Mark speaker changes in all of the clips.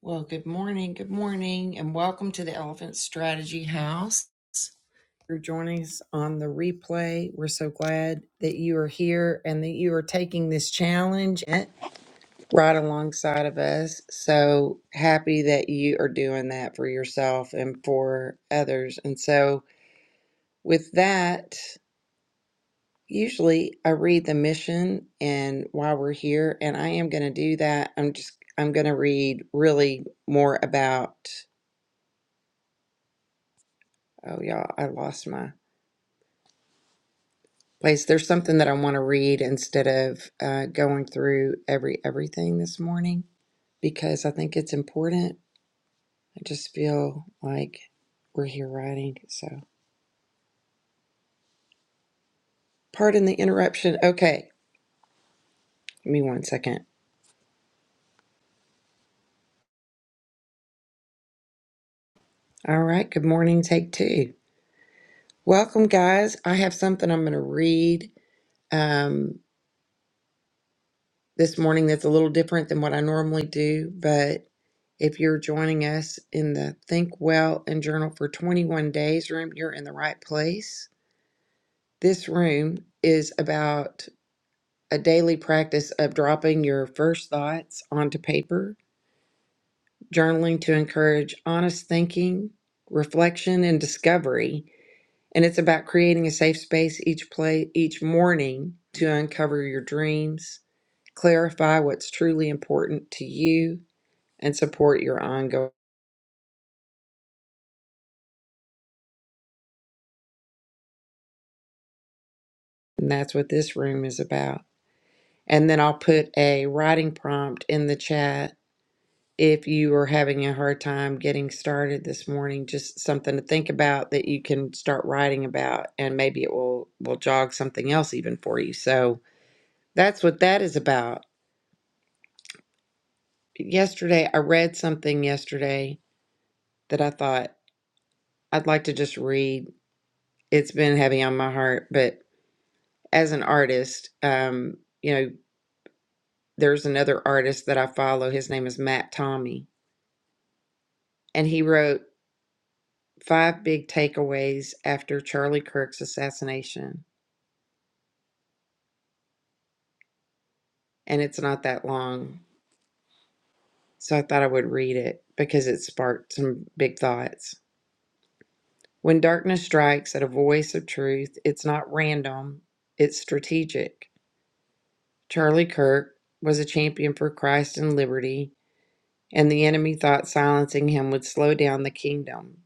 Speaker 1: Well, good morning, good morning, and welcome to the Elephant Strategy House. If You're joining us on the replay. We're so glad that you are here and that you are taking this challenge right alongside of us. So happy that you are doing that for yourself and for others. And so, with that, usually I read the mission and why we're here, and I am going to do that. I'm just I'm going to read really more about Oh, y'all, I lost my place. There's something that I want to read instead of uh, going through every everything this morning because I think it's important. I just feel like we're here writing. So, pardon the interruption. Okay, give me one second. All right, good morning, take two. Welcome, guys. I have something I'm going to read. Um, this morning that's a little different than what I normally do. But if you're joining us in the Think Well and Journal for 21 Days room, you're in the right place. This room is about a daily practice of dropping your first thoughts onto paper, journaling to encourage honest thinking, reflection, and discovery. And it's about creating a safe space each play each morning to uncover your dreams, clarify what's truly important to you, and support your ongoing. And that's what this room is about. And then I'll put a writing prompt in the chat if you are having a hard time getting started this morning, just something to think about that you can start writing about and maybe it will will jog something else even for you. So that's what that is about. Yesterday I read something yesterday that I thought I'd like to just read. It's been heavy on my heart, but as an artist, um, you know, there's another artist that I follow. His name is Matt Tommy, and he wrote five big takeaways after Charlie Kirk's assassination. And it's not that long, so I thought I would read it because it sparked some big thoughts. When darkness strikes at a voice of truth, it's not random, it's strategic. Charlie Kirk was a champion for Christ and liberty, and the enemy thought silencing him would slow down the kingdom.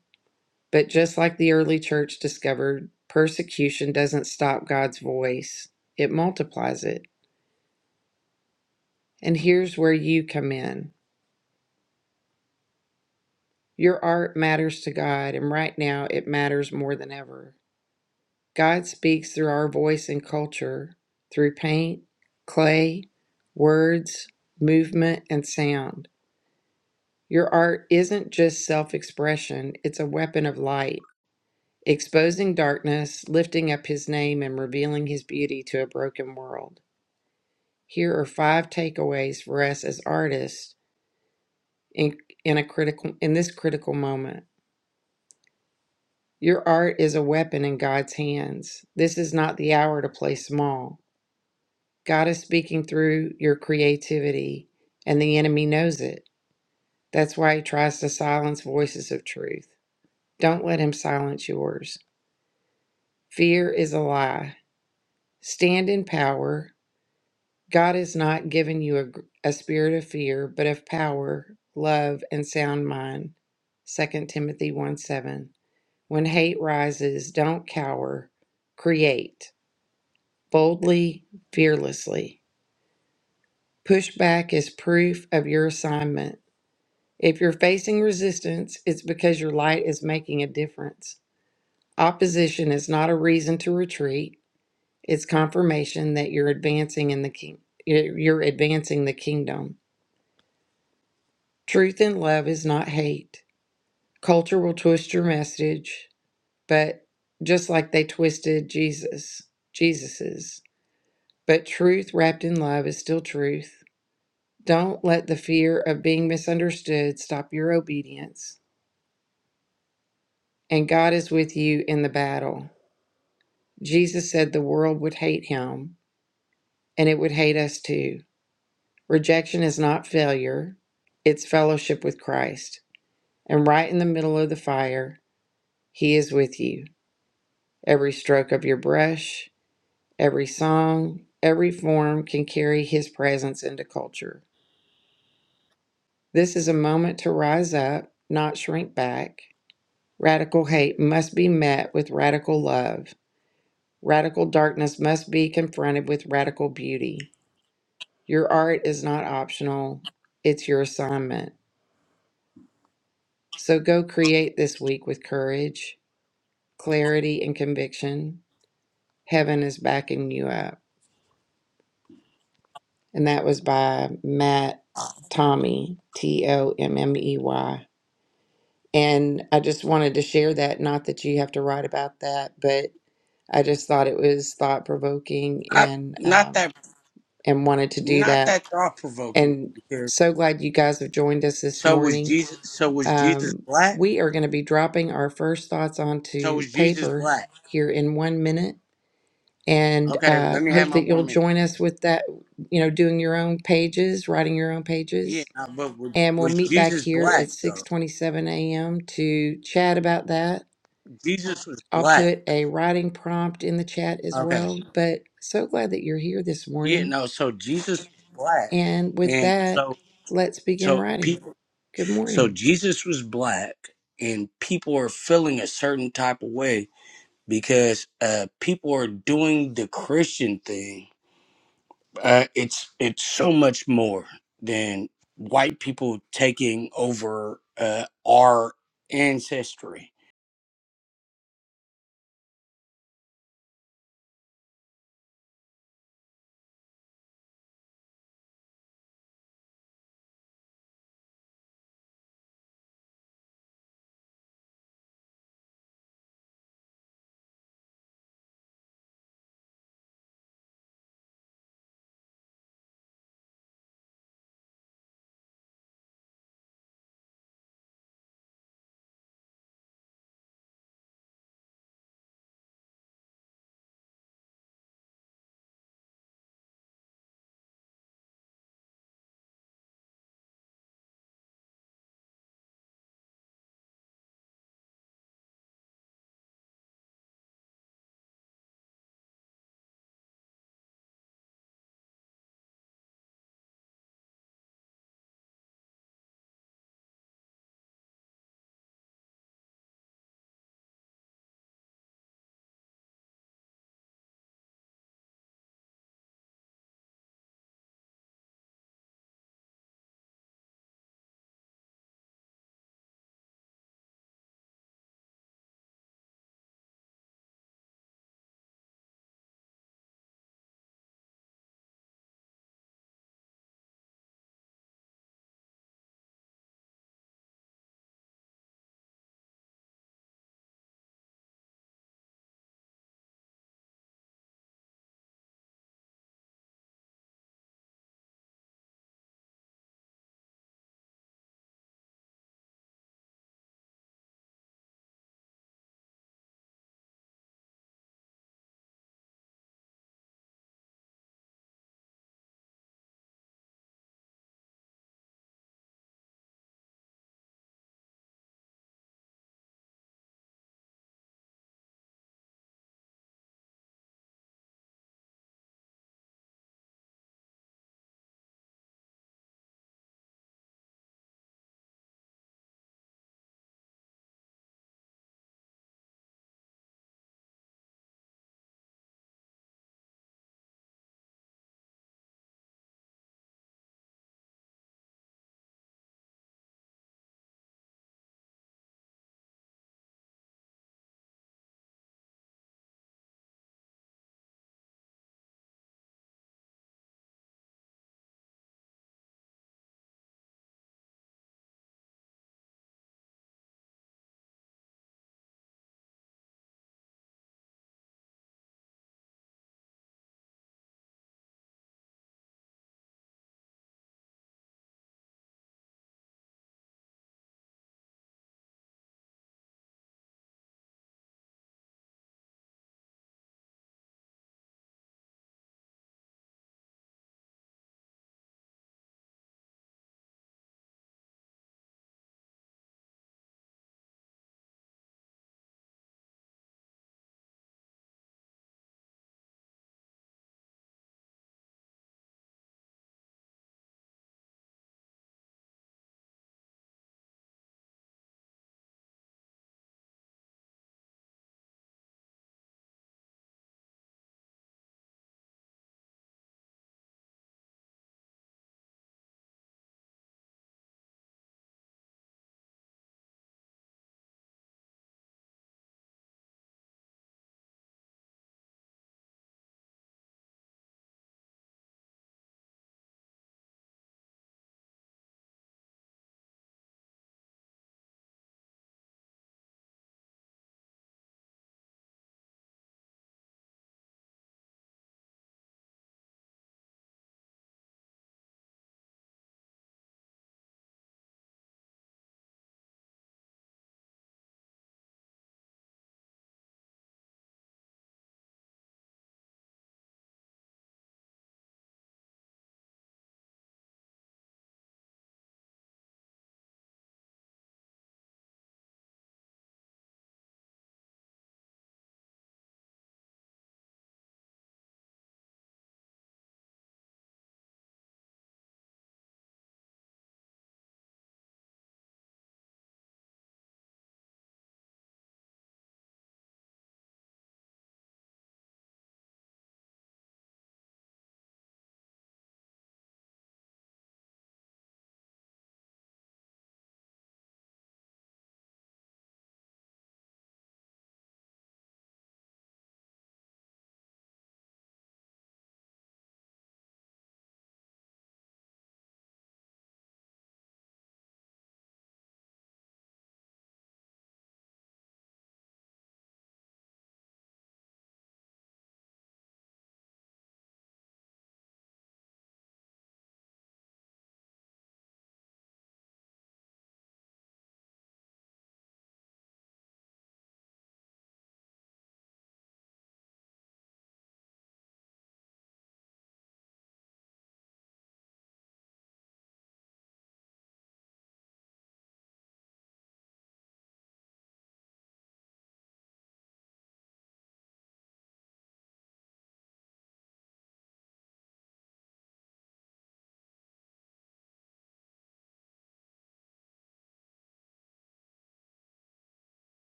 Speaker 1: But just like the early church discovered, persecution doesn't stop God's voice, it multiplies it. And here's where you come in your art matters to God, and right now it matters more than ever. God speaks through our voice and culture, through paint, clay, words, movement, and sound. Your art isn't just self expression, it's a weapon of light, exposing darkness, lifting up His name, and revealing His beauty to a broken world. Here are five takeaways for us as artists in, in a critical in this critical moment. Your art is a weapon in God's hands. This is not the hour to play small. God is speaking through your creativity, and the enemy knows it. That's why he tries to silence voices of truth. Don't let him silence yours. Fear is a lie. Stand in power. God has not given you a, a spirit of fear, but of power, love, and sound mind. Second Timothy 1 7. When hate rises, don't cower, create boldly, fearlessly. Pushback is proof of your assignment. If you're facing resistance, it's because your light is making a difference. Opposition is not a reason to retreat, it's confirmation that you're advancing in the king- you're you're advancing the kingdom. Truth in love is not hate. Culture will twist your message, but just like they twisted Jesus, Jesus's. But truth wrapped in love is still truth. Don't let the fear of being misunderstood stop your obedience. And God is with you in the battle. Jesus said the world would hate him, and it would hate us too. Rejection is not failure, it's fellowship with Christ. And right in the middle of the fire, he is with you. Every stroke of your brush, every song, every form can carry His presence into culture. This is a moment to rise up, not shrink back. Radical hate must be met with radical love. Radical darkness must be confronted with radical beauty. Your art is not optional, it's your assignment. So go create this week with courage, clarity, and conviction. Heaven is backing you up. and that was by Matt Tommy, T O M M E Y. And I just wanted to share that, not that you have to write about that, but I just thought it was thought provoking
Speaker 2: I,
Speaker 1: and
Speaker 2: not
Speaker 1: um,
Speaker 2: that
Speaker 1: and wanted to do
Speaker 2: not
Speaker 1: that.
Speaker 2: that thought provoking
Speaker 1: And
Speaker 2: because
Speaker 1: so glad you guys have joined us this
Speaker 2: so was
Speaker 1: morning.
Speaker 2: Jesus so was Jesus
Speaker 1: Um,
Speaker 2: black?
Speaker 1: we are going to be dropping our first thoughts
Speaker 2: So
Speaker 1: onto
Speaker 2: was Jesus
Speaker 1: paper
Speaker 2: black.
Speaker 1: here in one minute, and
Speaker 2: Okay,
Speaker 1: uh,
Speaker 2: let me have
Speaker 1: hope
Speaker 2: my
Speaker 1: that you'll
Speaker 2: one minute.
Speaker 1: join us with that. You know, doing your own pages, writing your own pages,
Speaker 2: Yeah, no, but was,
Speaker 1: and we'll
Speaker 2: was
Speaker 1: meet back
Speaker 2: Jesus
Speaker 1: here at
Speaker 2: black though?
Speaker 1: 6:27 a.m. to chat about that.
Speaker 2: Jesus was
Speaker 1: I'll
Speaker 2: black.
Speaker 1: put a writing prompt in the chat as
Speaker 2: Okay.
Speaker 1: well, but so glad that you're here this
Speaker 2: Yeah,
Speaker 1: morning.
Speaker 2: no, so Jesus was black.
Speaker 1: And with
Speaker 2: And
Speaker 1: that,
Speaker 2: so
Speaker 1: let's begin
Speaker 2: so
Speaker 1: writing.
Speaker 2: people
Speaker 1: Good
Speaker 2: so
Speaker 1: morning.
Speaker 2: Jesus was black and people are feeling a certain type of way because uh people are doing the Christian thing uh, it's it's so much more than white people taking over uh, our ancestry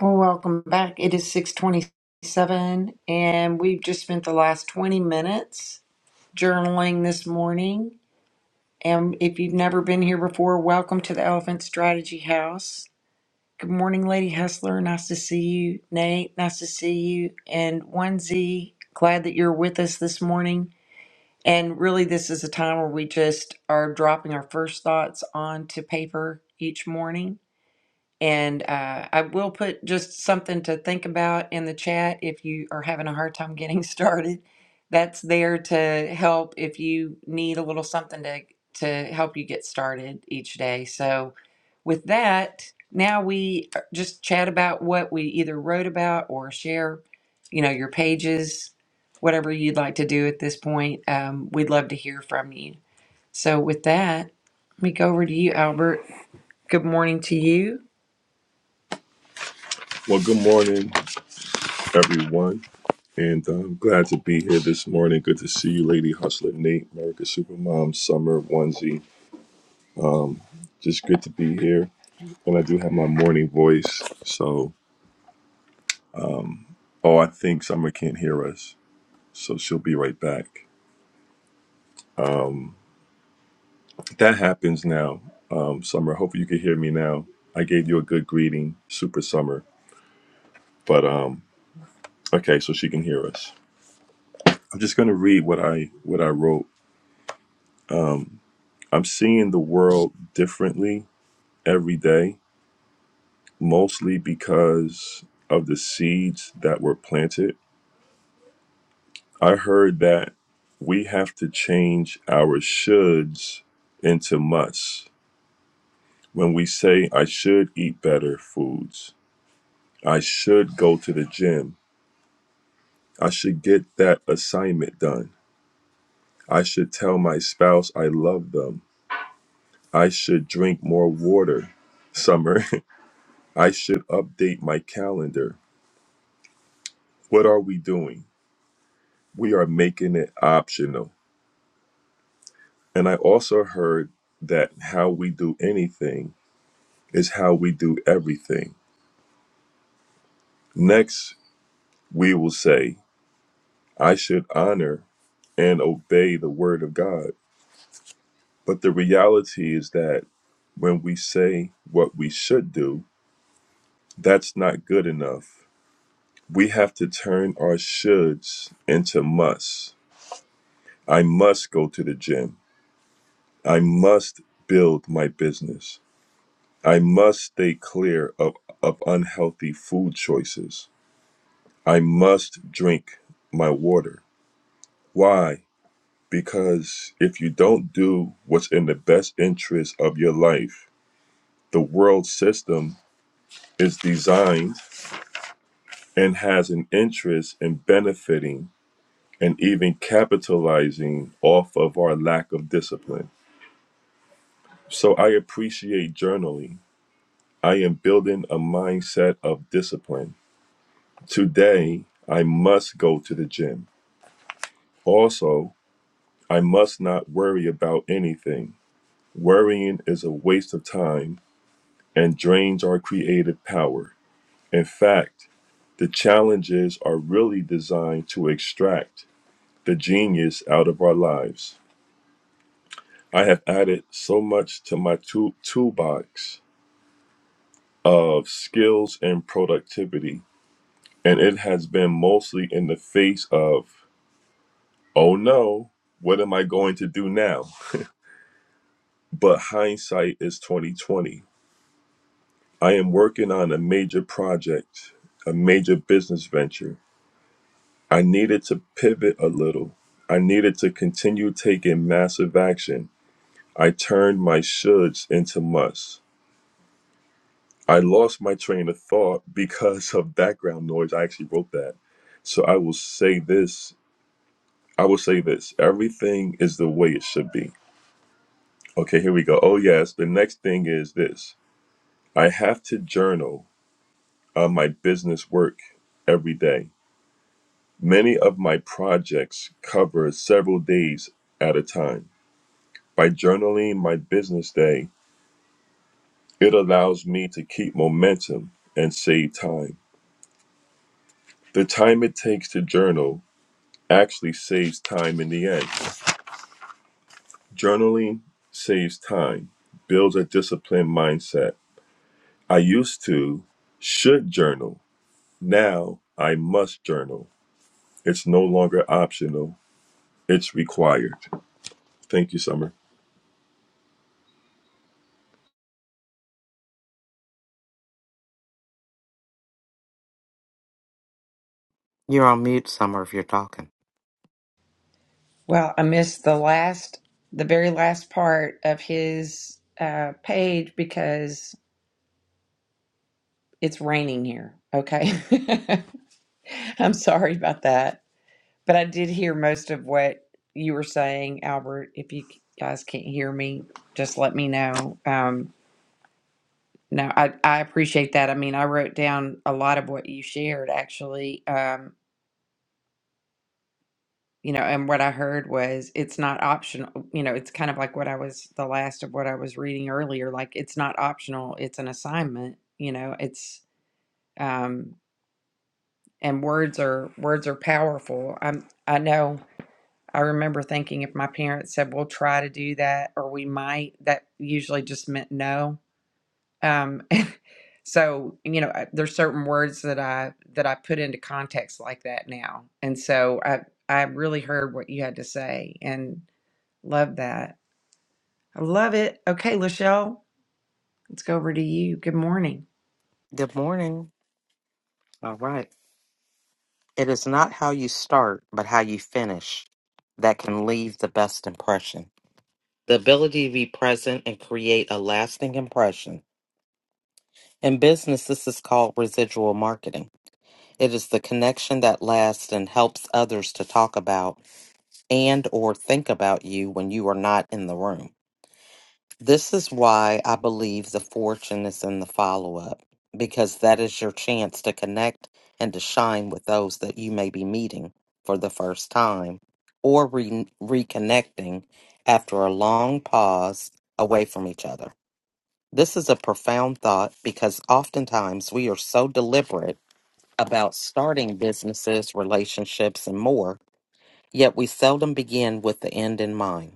Speaker 1: Well, welcome back. It is 6:27 and we've just spent the last 20 minutes journaling this morning. And if you've never been here before, welcome to the Elephant Strategy House. Good morning, Lady Hustler. Nice to see you. Nate, nice to see you. And Onesie, glad that you're with us this morning. And really, this is a time where we just are dropping our first thoughts onto paper each morning and uh, I will put just something to think about in the chat if you are having a hard time getting started. That's there to help if you need a little something to, to help you get started each day. So, with that, now we uh, just chat about what we either wrote about or share, you know, your pages, whatever you'd like to do at this point. Um, we'd love to hear from you. So, with that, let me go over to you, Albert. Good morning to you.
Speaker 3: Well, good morning, everyone, and uh, I'm glad to be here this morning. Good to see you, Lady Hustler Nate, America Supermom, Summer Onesie. Just good to be here, and I do have my morning voice. So, oh, I think Summer can't hear us, so she'll be right back. Um, that happens now, um, Summer. Hopefully, you can hear me now. I gave you a good greeting, Super Summer, but um, okay, so she can hear us. I'm just gonna read what I what I wrote. I'm seeing the world differently every day, mostly because of the seeds that were planted. I heard that we have to change our shoulds into musts. When we say, I should eat better foods, I should go to the gym, I should get that assignment done, I should tell my spouse I love them, I should drink more water, summer, I should update my calendar. What are we doing? We are making it optional And I also heard that how we do anything is how we do everything. Next, we will say, I should honor and obey the word of God. But the reality is that when we say what we should do, that's not good enough. We have to turn our shoulds into musts. I must go to the gym. I must build my business. I must stay clear of, of unhealthy food choices. I must drink my water. Why? Because if you don't do what's in the best interest of your life, the world system is designed and has an interest in benefiting and even capitalizing off of our lack of discipline. So I appreciate journaling. I am building a mindset of discipline. Today, I must go to the gym. Also, I must not worry about anything. Worrying is a waste of time and drains our creative power. In fact, the challenges are really designed to extract the genius out of our lives. I have added so much to my tool- toolbox of skills and productivity, and it has been mostly in the face of, oh no, what am I going to do now? But hindsight is 2020. I am working on a major project, a major business venture. I needed to pivot a little. I needed to continue taking massive action. I turned my shoulds into musts. I lost my train of thought because of background noise. I actually wrote that. So I will say this I will say this everything is the way it should be. Okay, here we go. Oh, yes. The next thing is this I have to journal on my business work every day. Many of my projects cover several days at a time. By journaling my business day, it allows me to keep momentum and save time. The time it takes to journal actually saves time in the end. Journaling saves time, builds a disciplined mindset. I used to should journal. Now I must journal. It's no longer optional, it's required. Thank you, Summer.
Speaker 4: You're on mute, Summer, if you're talking.
Speaker 1: Well, I missed the last, the very last part of his uh, page because it's raining here. Okay. I'm sorry about that. But I did hear most of what you were saying, Albert. If you guys can't hear me, just let me know. Um, no, I, I appreciate that. I mean, I wrote down a lot of what you shared actually. Um, you know and what i heard was it's not optional you know it's kind of like what i was the last of what i was reading earlier like it's not optional it's an assignment you know it's um and words are words are powerful i'm i know i remember thinking if my parents said we'll try to do that or we might that usually just meant no um so you know I- there's certain words that i that i put into context like that now and so i i really heard what you had to say and Love that. I love it. Okay, Lachelle, let's go over to you. Good morning.
Speaker 4: Good morning. All right. It is not how you start, but how you finish that can leave the best impression. The ability to be present and create a lasting impression. In business, this is called residual marketing. It is the connection that lasts and helps others to talk about and or think about you when you are not in the room. This is why I believe the fortune is in the follow up, because that is your chance to connect and to shine with those that you may be meeting for the first time or re- reconnecting after a long pause away from each other. This is a profound thought because oftentimes we are so deliberate about starting businesses, relationships, and more, yet we seldom begin with the end in mind.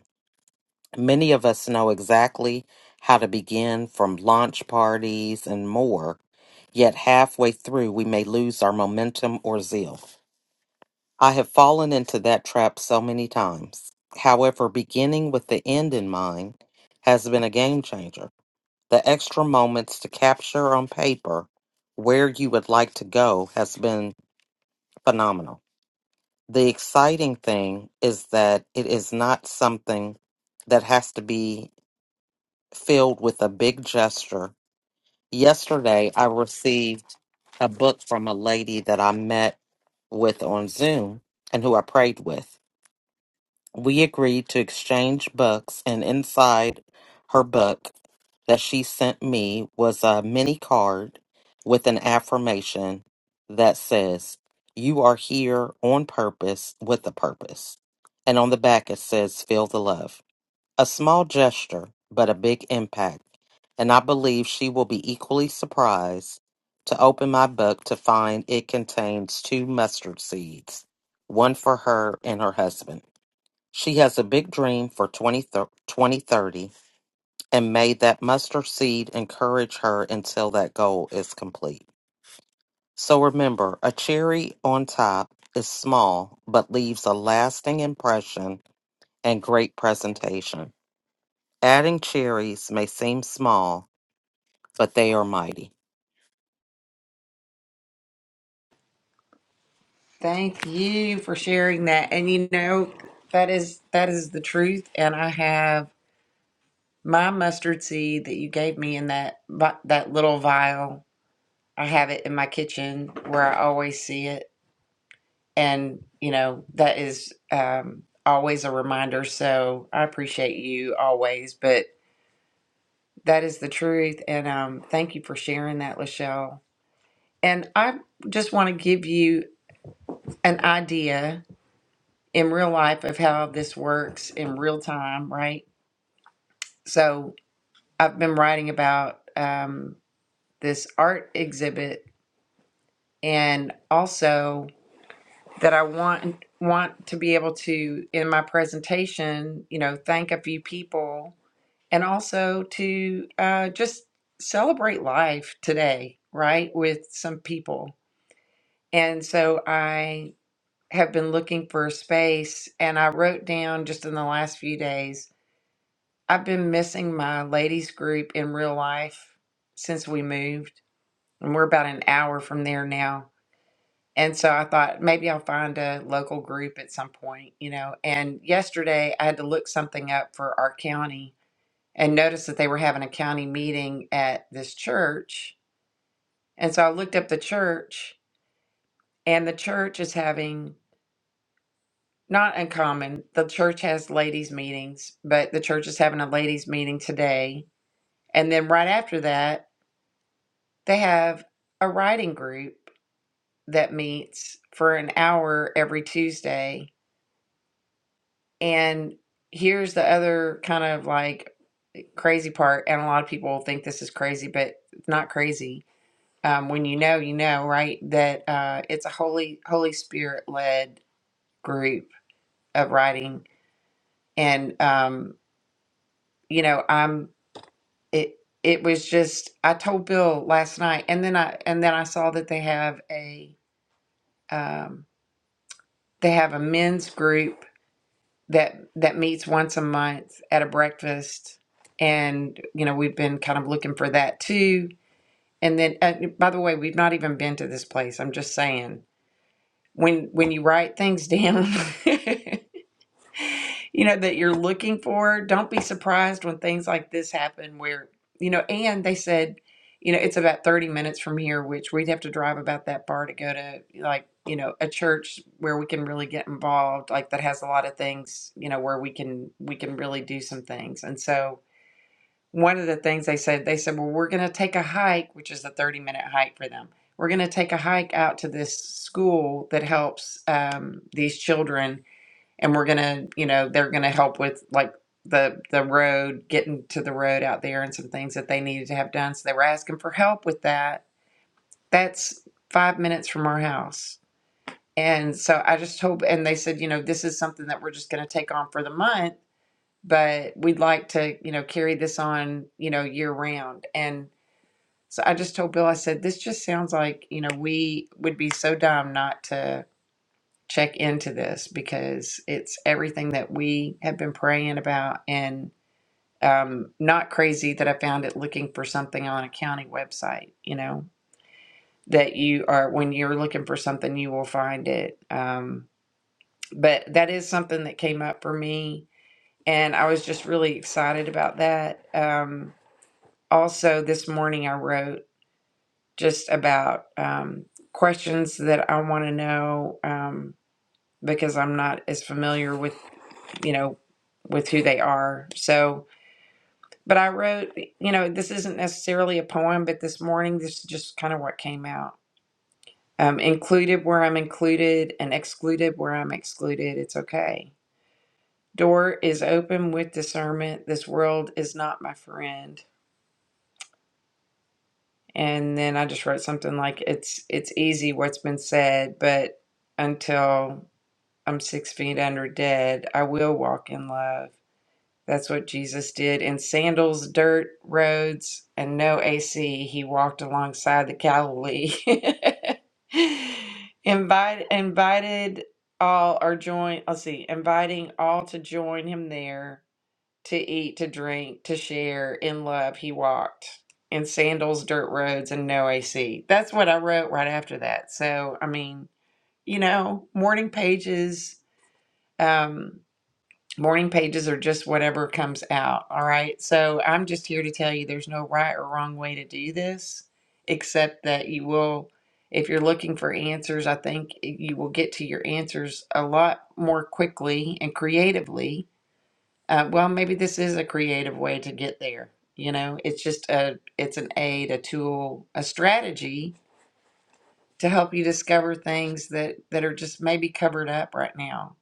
Speaker 4: Many of us know exactly how to begin from launch parties and more, yet halfway through we may lose our momentum or zeal. I have fallen into that trap so many times. However, beginning with the end in mind has been a game changer. The extra moments to capture on paper where you would like to go has been phenomenal. The exciting thing is that it is not something that has to be filled with a big gesture. Yesterday, I received a book from a lady that I met with on Zoom and who I prayed with. We agreed to exchange books, and inside her book that she sent me was a mini card with an affirmation that says, You are here on purpose with a purpose. And on the back, it says, Feel the love. A small gesture, but a big impact, and I believe she will be equally surprised to open my book to find it contains two mustard seeds, one for her and her husband. She has a big dream for 20 thir- 2030, and may that mustard seed encourage her until that goal is complete. So remember, a cherry on top is small, but leaves a lasting impression and great presentation. Adding cherries may seem small, but they are mighty.
Speaker 1: Thank you for sharing that. And you know, that is that is the truth. And I have my mustard seed that you gave me in that vi- that little vial. I have it in my kitchen where I always see it, and you know that is um, always a reminder. So I appreciate you always, but that is the truth. And um, thank you for sharing that, Lachelle. And I just want to give you an idea in real life of how this works in real time, right? So I've been writing about um, this art exhibit and also that I want want to be able to in my presentation, you know, thank a few people and also to uh, just celebrate life today, right, with some people. And so I have been looking for a space and I wrote down just in the last few days, I've been missing my ladies group in real life since we moved. And we're about an hour from there now. And so I thought maybe I'll find a local group at some point, you know. And yesterday I had to look something up for our county and noticed that they were having a county meeting at this church. And so I looked up the church and the church is having Not uncommon. The church has ladies' meetings, but the church is having a ladies' meeting today. And then right after that, they have a writing group that meets for an hour every Tuesday. And here's the other kind of like crazy part. And a lot of people think this is crazy, but it's not crazy. Um, when you know, you know, right? That uh, it's a Holy Holy Spirit led group of writing. And um, you know, I'm it it was just I told Bill last night, and then I and then I saw that they have a um, they have a men's group that that meets once a month at a breakfast, and you know we've been kind of looking for that too. And then, uh, by the way, we've not even been to this place. I'm just saying when when you write things down. you know that you're looking for don't be surprised when things like this happen where you know and they said you know it's about 30 minutes from here which we'd have to drive about that far to go to like you know a church where we can really get involved like that has a lot of things you know where we can we can really do some things and so one of the things they said they said well we're going to take a hike which is a 30 minute hike for them we're going to take a hike out to this school that helps um, these children and we're gonna you know they're gonna help with like the the road getting to the road out there and some things that they needed to have done so they were asking for help with that that's five minutes from our house and so i just hope and they said you know this is something that we're just gonna take on for the month but we'd like to you know carry this on you know year round and so i just told bill i said this just sounds like you know we would be so dumb not to check into this because it's everything that we have been praying about and um, not crazy that I found it looking for something on a county website, you know, that you are, when you're looking for something, you will find it. Um, but that is something that came up for me. And I was just really excited about that. Um, also, this morning I wrote just about um, questions that I want to know um, because I'm not as familiar with you know, with who they are. So, but I wrote, you know, this isn't necessarily a poem, but this morning, this is just kind of what came out. Um, included where I'm included and excluded where I'm excluded. It's okay. Door is open with discernment. This world is not my friend. And then I just wrote something like, it's, it's easy what's been said, but until I'm six feet under dead, I will walk in love. That's what Jesus did. In sandals, dirt roads, and no AC, he walked alongside the Galilee. Invite, invited all or join, let's see, inviting all to join him there to eat, to drink, to share in love, he walked in sandals, dirt roads, and no AC. That's what I wrote right after that. So, I mean, you know, morning pages. Um, Morning pages are just whatever comes out. All right. So I'm just here to tell you there's no right or wrong way to do this, except that you will, if you're looking for answers, I think you will get to your answers a lot more quickly and creatively. Uh, well, maybe this is a creative way to get there. You know, it's just a, it's an aid, a tool, a strategy to help you discover things that that are just maybe covered up right now,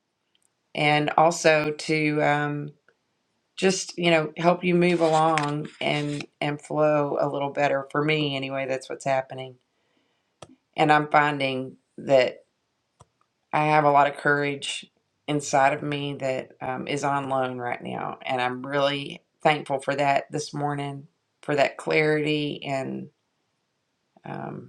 Speaker 1: and also to um, just you know help you move along and and flow a little better for me anyway that's what's happening and i'm finding that i have a lot of courage inside of me that um, is on loan right now and i'm really thankful for that this morning for that clarity and um,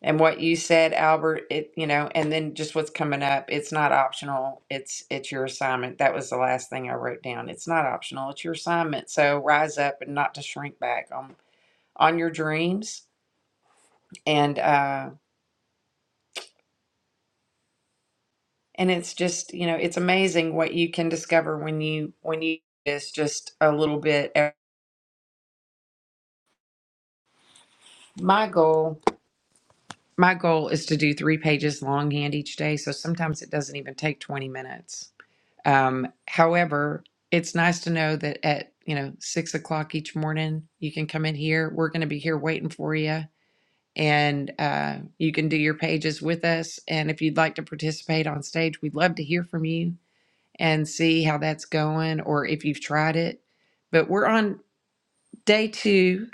Speaker 1: And what you said, Albert, it, you know, and then just what's coming up, it's not optional. It's it's your assignment. That was the last thing I wrote down. It's not optional. It's your assignment. So rise up and not to shrink back on on your dreams. And uh and it's just, you know, it's amazing what you can discover when you when you it's just a little bit my goal my goal is to do three pages longhand each day so sometimes it doesn't even take 20 minutes Um, however, it's nice to know that at you know six o'clock each morning you can come in here. We're going to be here waiting for you, and uh, you can do your pages with us. And if you'd like to participate on stage, we'd love to hear from you and see how that's going, or if you've tried it. But we're on day two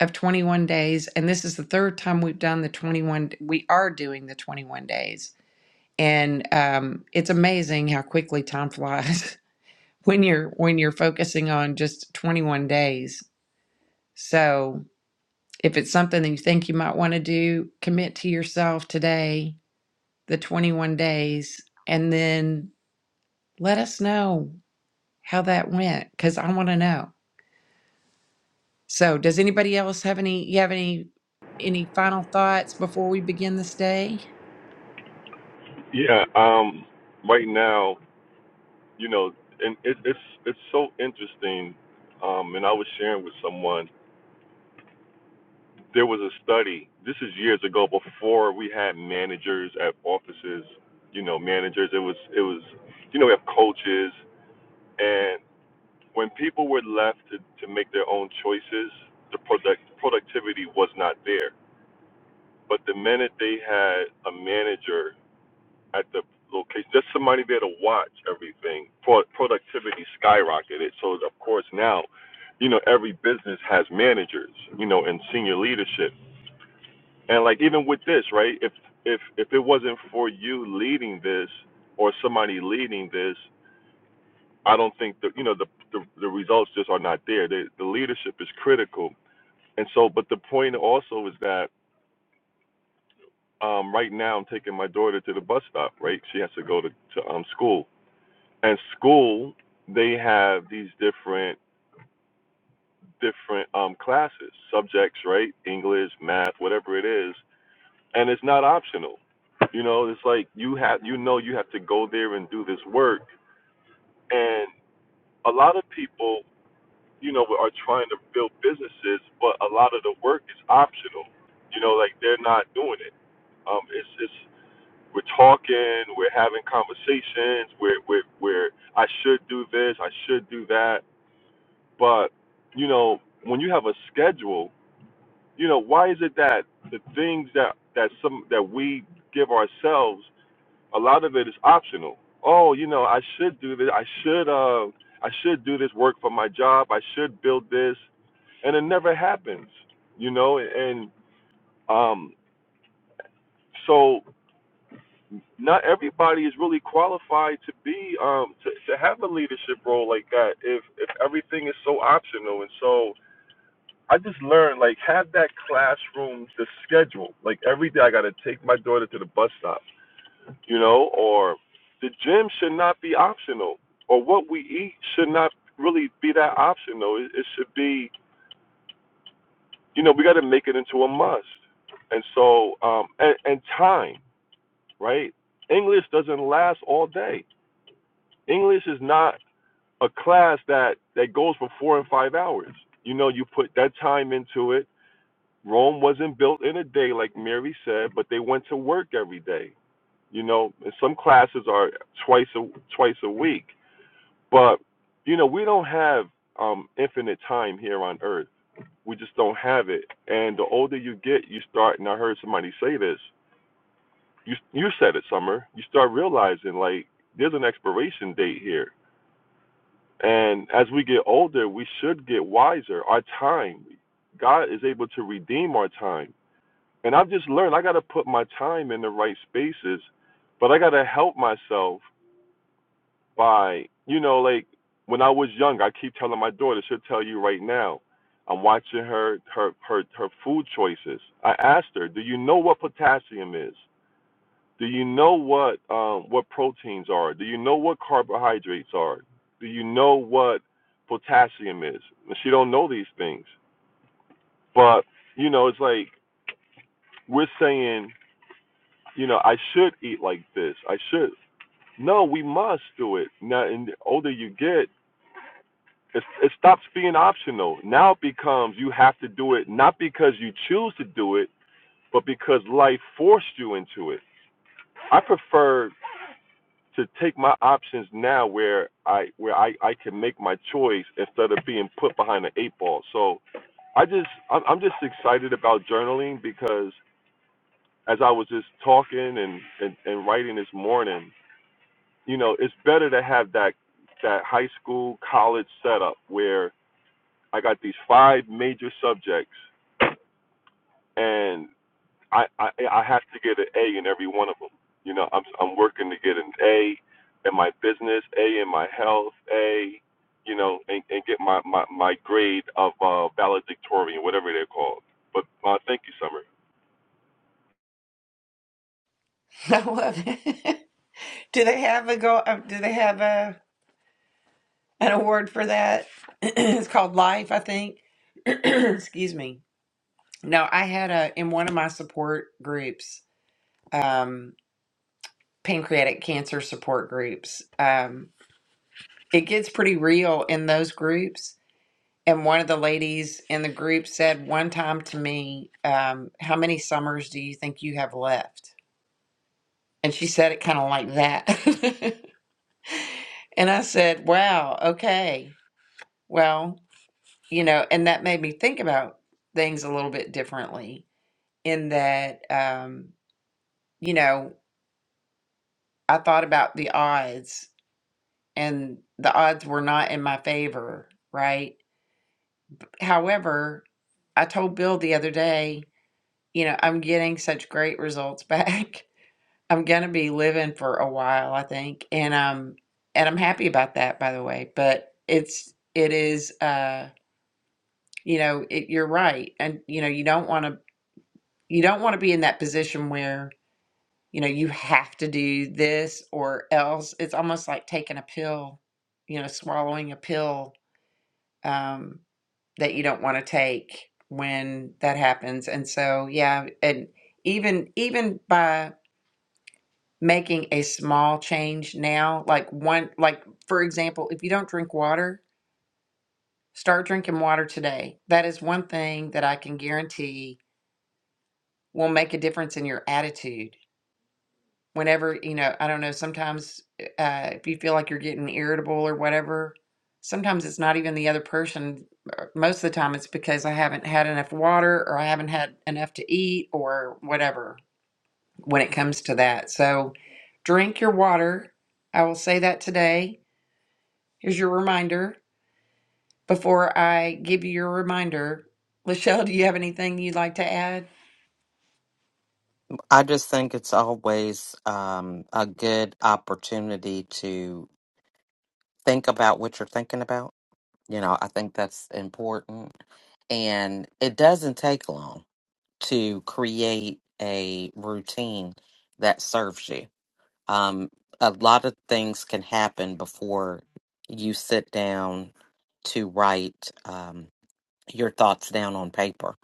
Speaker 1: of 21 days, and this is the third time we've done the 21. We are doing the 21 days, and um, it's amazing how quickly time flies. when you're when you're focusing on just 21 days so if it's something that you think you might want to do commit to yourself today the 21 days and then let us know how that went because i want to know so does anybody else have any you have any any final thoughts before we begin this day
Speaker 3: Yeah. Um. Right now. you know, and it, it's it's so interesting. Um, and I was sharing with someone there was a study. This is years ago, before we had managers at offices. You know, managers. It was it was, you know, we have coaches, and when people were left to, to make their own choices, the product productivity was not there. But the minute they had a manager at the location, just somebody there to watch everything. Pro- productivity skyrocketed. So of course now, you know, every business has managers, you know, and senior leadership. And like even with this, right? If if if it wasn't for you leading this or somebody leading this, I don't think that you know the the, the results just are not there. The the leadership is critical. And so, but the point also is that um, right now I'm taking my daughter to the bus stop. Right, she has to go to, to um, school And school, they have these different different um, classes, subjects, right? English, math, whatever it is, and it's not optional. You know, it's like you have you know you have to go there and do this work. And a lot of people, you know, are trying to build businesses, but a lot of the work is optional. You know, like they're not doing it. Um, it's it's we're talking, we're having conversations, we're we're we're I should do this, I should do that But, you know, when you have a schedule, you know, why is it that the things that, that some that we give ourselves, a lot of it is optional. Oh, you know, I should do this I should uh I should do this work for my job, I should build this and it never happens. You know, and um so not everybody is really qualified to be um to, to have a leadership role like that if if everything is so optional and so I just learned like have that classroom the schedule. Like every day I gotta take my daughter to the bus stop, you know, or the gym should not be optional. Or what we eat should not really be that optional. It, it should be you know, we gotta make it into a must. And so um and, and time, right? English doesn't last all day. English is not a class that that goes for four and five hours. You know, you put that time into it Rome wasn't built in a day, like Mary said, but they went to work every day. You know, and some classes are twice a twice a week, but you know we don't have um, infinite time here on Earth. We just don't have it. And the older you get, you start. And I heard somebody say this. You you said it, Summer. You start realizing like there's an expiration date here. And as we get older, we should get wiser. Our time, God is able to redeem our time And I've just learned I got to put my time in the right spaces, but I got to help myself by, you know, like when I was young, I keep telling my daughter, she'll tell you right now, I'm watching her her her her food choices. I asked her, "Do you know what potassium is? Do you know what um, what proteins are? Do you know what carbohydrates are? Do you know what potassium is?" And she don't know these things, but you know, it's like we're saying you know, I should eat like this. I should. No, we must do it. Now, and the older you get, it, it stops being optional. Now it becomes you have to do it, not because you choose to do it, but because life forced you into it. I prefer to take my options now where I where I, I can make my choice instead of being put behind an eight ball. So I just I'm, just excited about journaling because as I was just talking and, and, and writing this morning, you know, it's better to have that that high school college setup where I got these five major subjects and I I, I have to get an A in every one of them. You know, I'm I'm working to get an A in my business, A in my health, A, you know, and, and get my, my, my grade of uh, valedictorian, whatever they're called. But uh, thank you, Summer.
Speaker 1: I love it. Do they have a go? uh, Do they have a an award for that? it's called Life, I think. Excuse me. No, I had a in one of my support groups, um, pancreatic cancer support groups. Um, it gets pretty real in those groups. And one of the ladies in the group said one time to me, um, "How many summers do you think you have left?" And she said it kind of like that. and I said, "Wow, okay, well, you know." And that made me think about things a little bit differently. In that, um, you know, I thought about the odds and the odds were not in my favor, right? However, I told Bill the other day, you know, I'm getting such great results back. I'm going to be living for a while, I think. And um and I'm happy about that by the way, but it's it is uh you know, it, you're right. And you know, you don't want to you don't want to be in that position where, you know, you have to do this or else. It's almost like taking a pill, you know, swallowing a pill. Um that you don't want to take when that happens. And so, yeah, and even even by making a small change now, like one like for example, if you don't drink water, start drinking water today. That is one thing that I can guarantee will make a difference in your attitude whenever you know i don't know sometimes uh, if you feel like you're getting irritable or whatever sometimes it's not even the other person Uh, most of the time it's because i haven't had enough water or i haven't had enough to eat or whatever when it comes to that so drink your water i will say that today here's your reminder before i give you your reminder lachelle do you have anything you'd like to add
Speaker 4: I just think it's always um, a good opportunity to think about what you're thinking about. You know, I think that's important. And it doesn't take long to create a routine that serves you. Um, a lot of things can happen before you sit down to write. Um, your thoughts down on paper.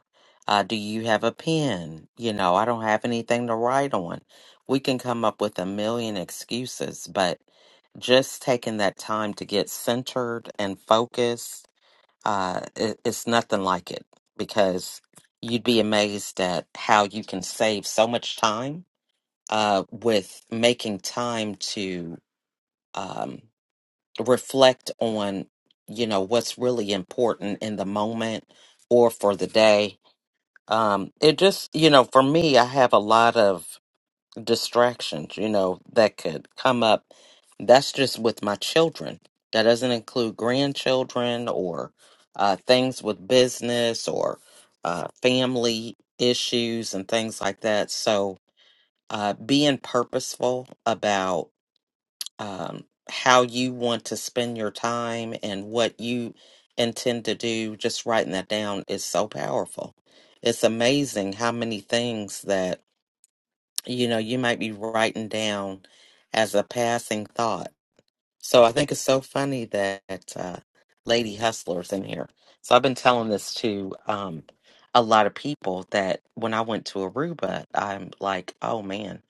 Speaker 4: Uh, do you have a pen? You know, I don't have anything to write on. We can come up with a million excuses, but just taking that time to get centered and focused, uh, it, it's nothing like it because you'd be amazed at how you can save so much time uh, with making time to. Um, reflect on you know what's really important in the moment or for the day um it just you know for me i have a lot of distractions you know that could come up that's just with my children that doesn't include grandchildren or uh things with business or uh family issues and things like that so uh being purposeful about um, how you want to spend your time and what you intend to do, just writing that down is so powerful. It's amazing how many things that, you know, you might be writing down as a passing thought. So I think it's so funny that uh, Lady Hustler's in here. So I've been telling this to um, a lot of people that when I went to Aruba, I'm like, oh man,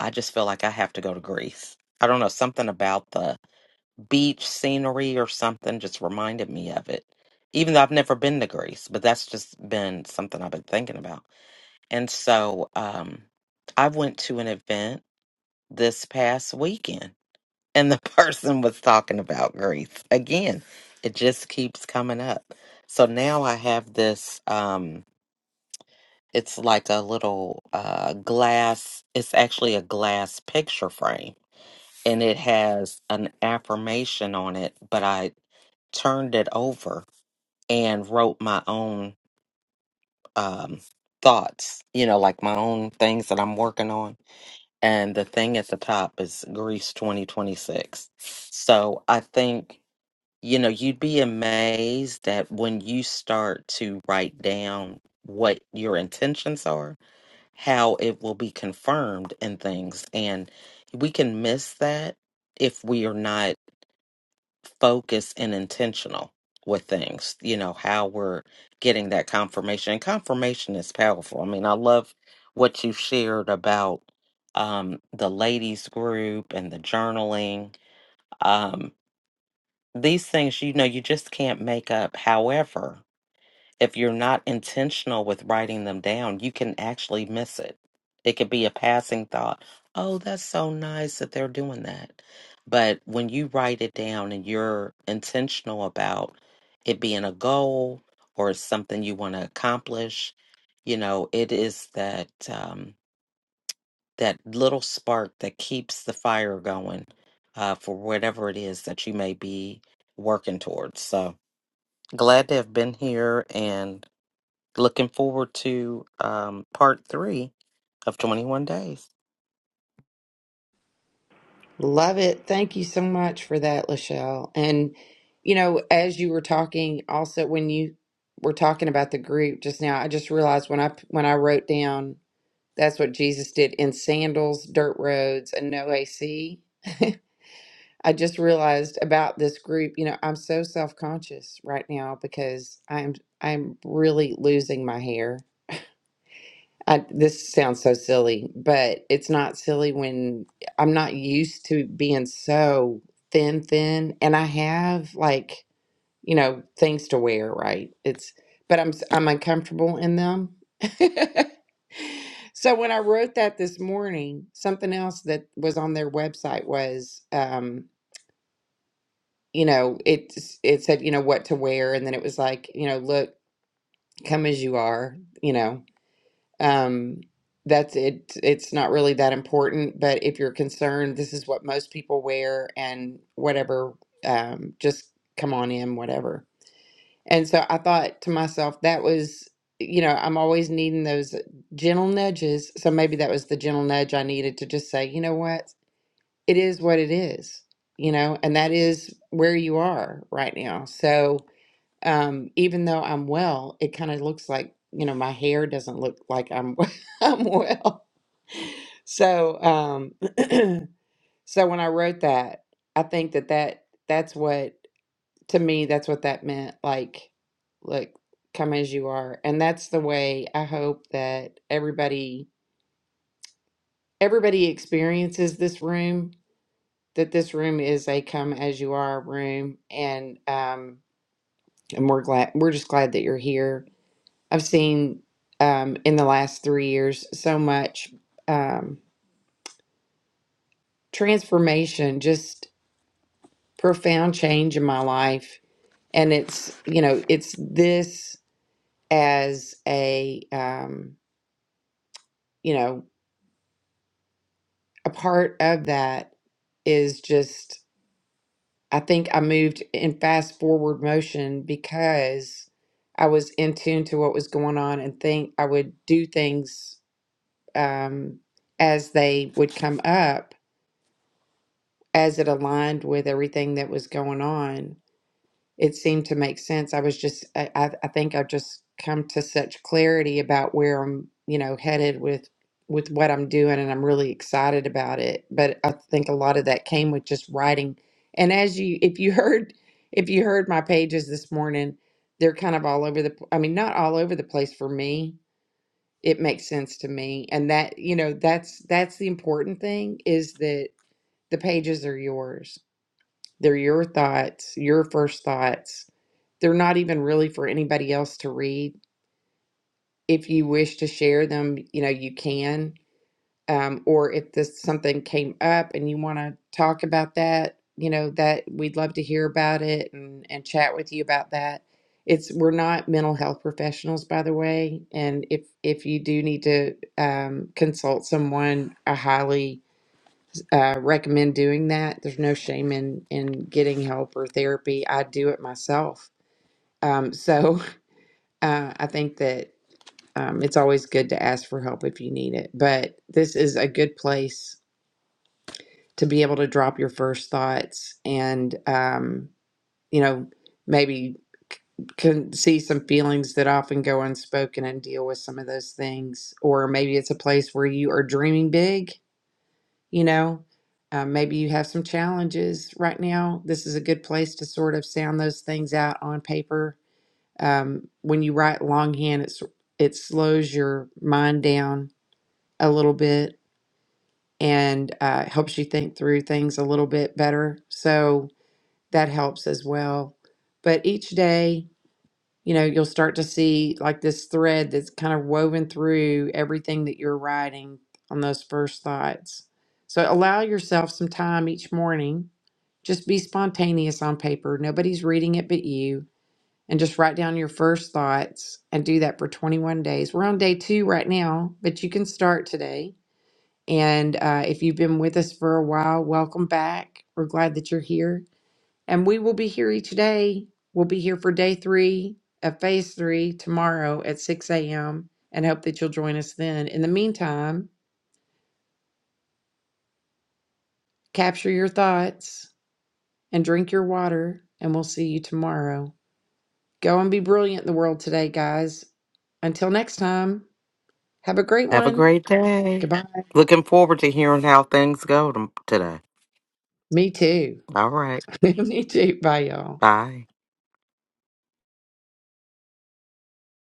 Speaker 4: I just feel like I have to go to Greece. I don't know, something about the beach scenery or something just reminded me of it. Even though I've never been to Greece, but that's just been something I've been thinking about. And so um I went to an event this past weekend and the person was talking about Greece. Again, it just keeps coming up. So now I have this um it's like a little uh glass it's actually a glass picture frame and it has an affirmation on it, but I turned it over and wrote my own um, thoughts, you know, like my own things that I'm working on. And the thing at the top is Greece 2026. So I think, you know, you'd be amazed that when you start to write down what your intentions are, how it will be confirmed in things. And we can miss that if we are not focused and intentional with things, you know, how we're getting that confirmation. And confirmation is powerful. I mean, I love what you shared about um, the ladies' group and the journaling. Um, these things, you know, you just can't make up. However, if you're not intentional with writing them down, you can actually miss it. It could be a passing thought. Oh, that's so nice that they're doing that. But when you write it down and you're intentional about it being a goal or something you want to accomplish, you know, it is that um, that little spark that keeps the fire going uh, for whatever it is that you may be working towards. So glad to have been here and Looking forward to um, part three of 21 Days.
Speaker 1: Love it. Thank you so much for that, Lachelle. And, you know, as you were talking, also when you were talking about the group just now, I just realized when I when I wrote down that's what Jesus did in sandals, dirt roads, and no AC. I just realized about this group, you know, I'm so self-conscious right now because I'm I'm really losing my hair. I, this sounds so silly, but it's not silly when I'm not used to being so thin, thin, and I have like, you know, things to wear, right? It's, but I'm s- I'm uncomfortable in them. So when I wrote that this morning, something else that was on their website was, um, you know, it it said, you know, what to wear, and then it was like, you know, look, come as you are, you know um that's it it's not really that important but if you're concerned this is what most people wear and whatever um just come on in whatever and so i thought to myself that was you know i'm always needing those gentle nudges so maybe that was the gentle nudge i needed to just say you know what it is what it is you know and that is where you are right now so um, even though I'm well, it kind of looks like, you know, my hair doesn't look like I'm I'm well. So, um, so when I wrote that, I think that that that's what to me that's what that meant. Like, look, come as you are, and that's the way I hope that everybody everybody experiences this room. That this room is a come as you are room, and um, and we're glad we're just glad that you're here I've seen um, in the last three years so much um, transformation, just profound change in my life. And it's, you know, it's this as a, um, you know, a part of that is just, I think I moved in fast forward motion because I was in tune to what was going on and think I would do things um, as they would come up as it aligned with everything that was going on, it seemed to make sense. I was just, I, I I think I've just come to such clarity about where I'm, you know, headed with with what I'm doing, and I'm really excited about it. But I think a lot of that came with just writing. And as you, if you heard, if you heard my pages this morning, they're kind of all over the. i mean, not all over the place for me. It makes sense to me, and that you know, that's that's the important thing is that the pages are yours they're your thoughts, your first thoughts. They're not even really for anybody else to read. If you wish to share them, you know, you can. Um, or if this something came up and you want to talk about that, you know, that we'd love to hear about it and, and chat with you about that. It's we're not mental health professionals, by the way. And if if you do need to um, consult someone, I highly uh, recommend doing that. There's no shame in in getting help or therapy. I do it myself. Um, so uh, I think that um, it's always good to ask for help if you need it. But this is a good place to be able to drop your first thoughts and um, you know maybe can see some feelings that often go unspoken and deal with some of those things or maybe it's a place where you are dreaming big you know uh, maybe you have some challenges right now this is a good place to sort of sound those things out on paper um, when you write longhand it's it slows your mind down a little bit and uh, helps you think through things a little bit better so that helps as well but each day you know, you'll start to see like this thread that's kind of woven through everything that you're writing on those first thoughts. So allow yourself some time each morning. Just be spontaneous on paper. Nobody's reading it but you. And just write down your first thoughts and do that for 21 days. We're on day two right now, but you can start today. And uh, if you've been with us for a while, welcome back. We're glad that you're here. And we will be here each day. We'll be here for day three of phase three tomorrow at 6 a.m. and hope that you'll join us then. In the meantime, capture your thoughts and drink your water, and we'll see you tomorrow. Go and be brilliant in the world today, guys. Until next time, have a great
Speaker 4: Have a
Speaker 1: one.
Speaker 4: great day.
Speaker 1: Goodbye.
Speaker 4: Looking forward to hearing how things go tom today.
Speaker 1: Me too.
Speaker 4: All right.
Speaker 1: Me too. Bye, y'all.
Speaker 4: Bye.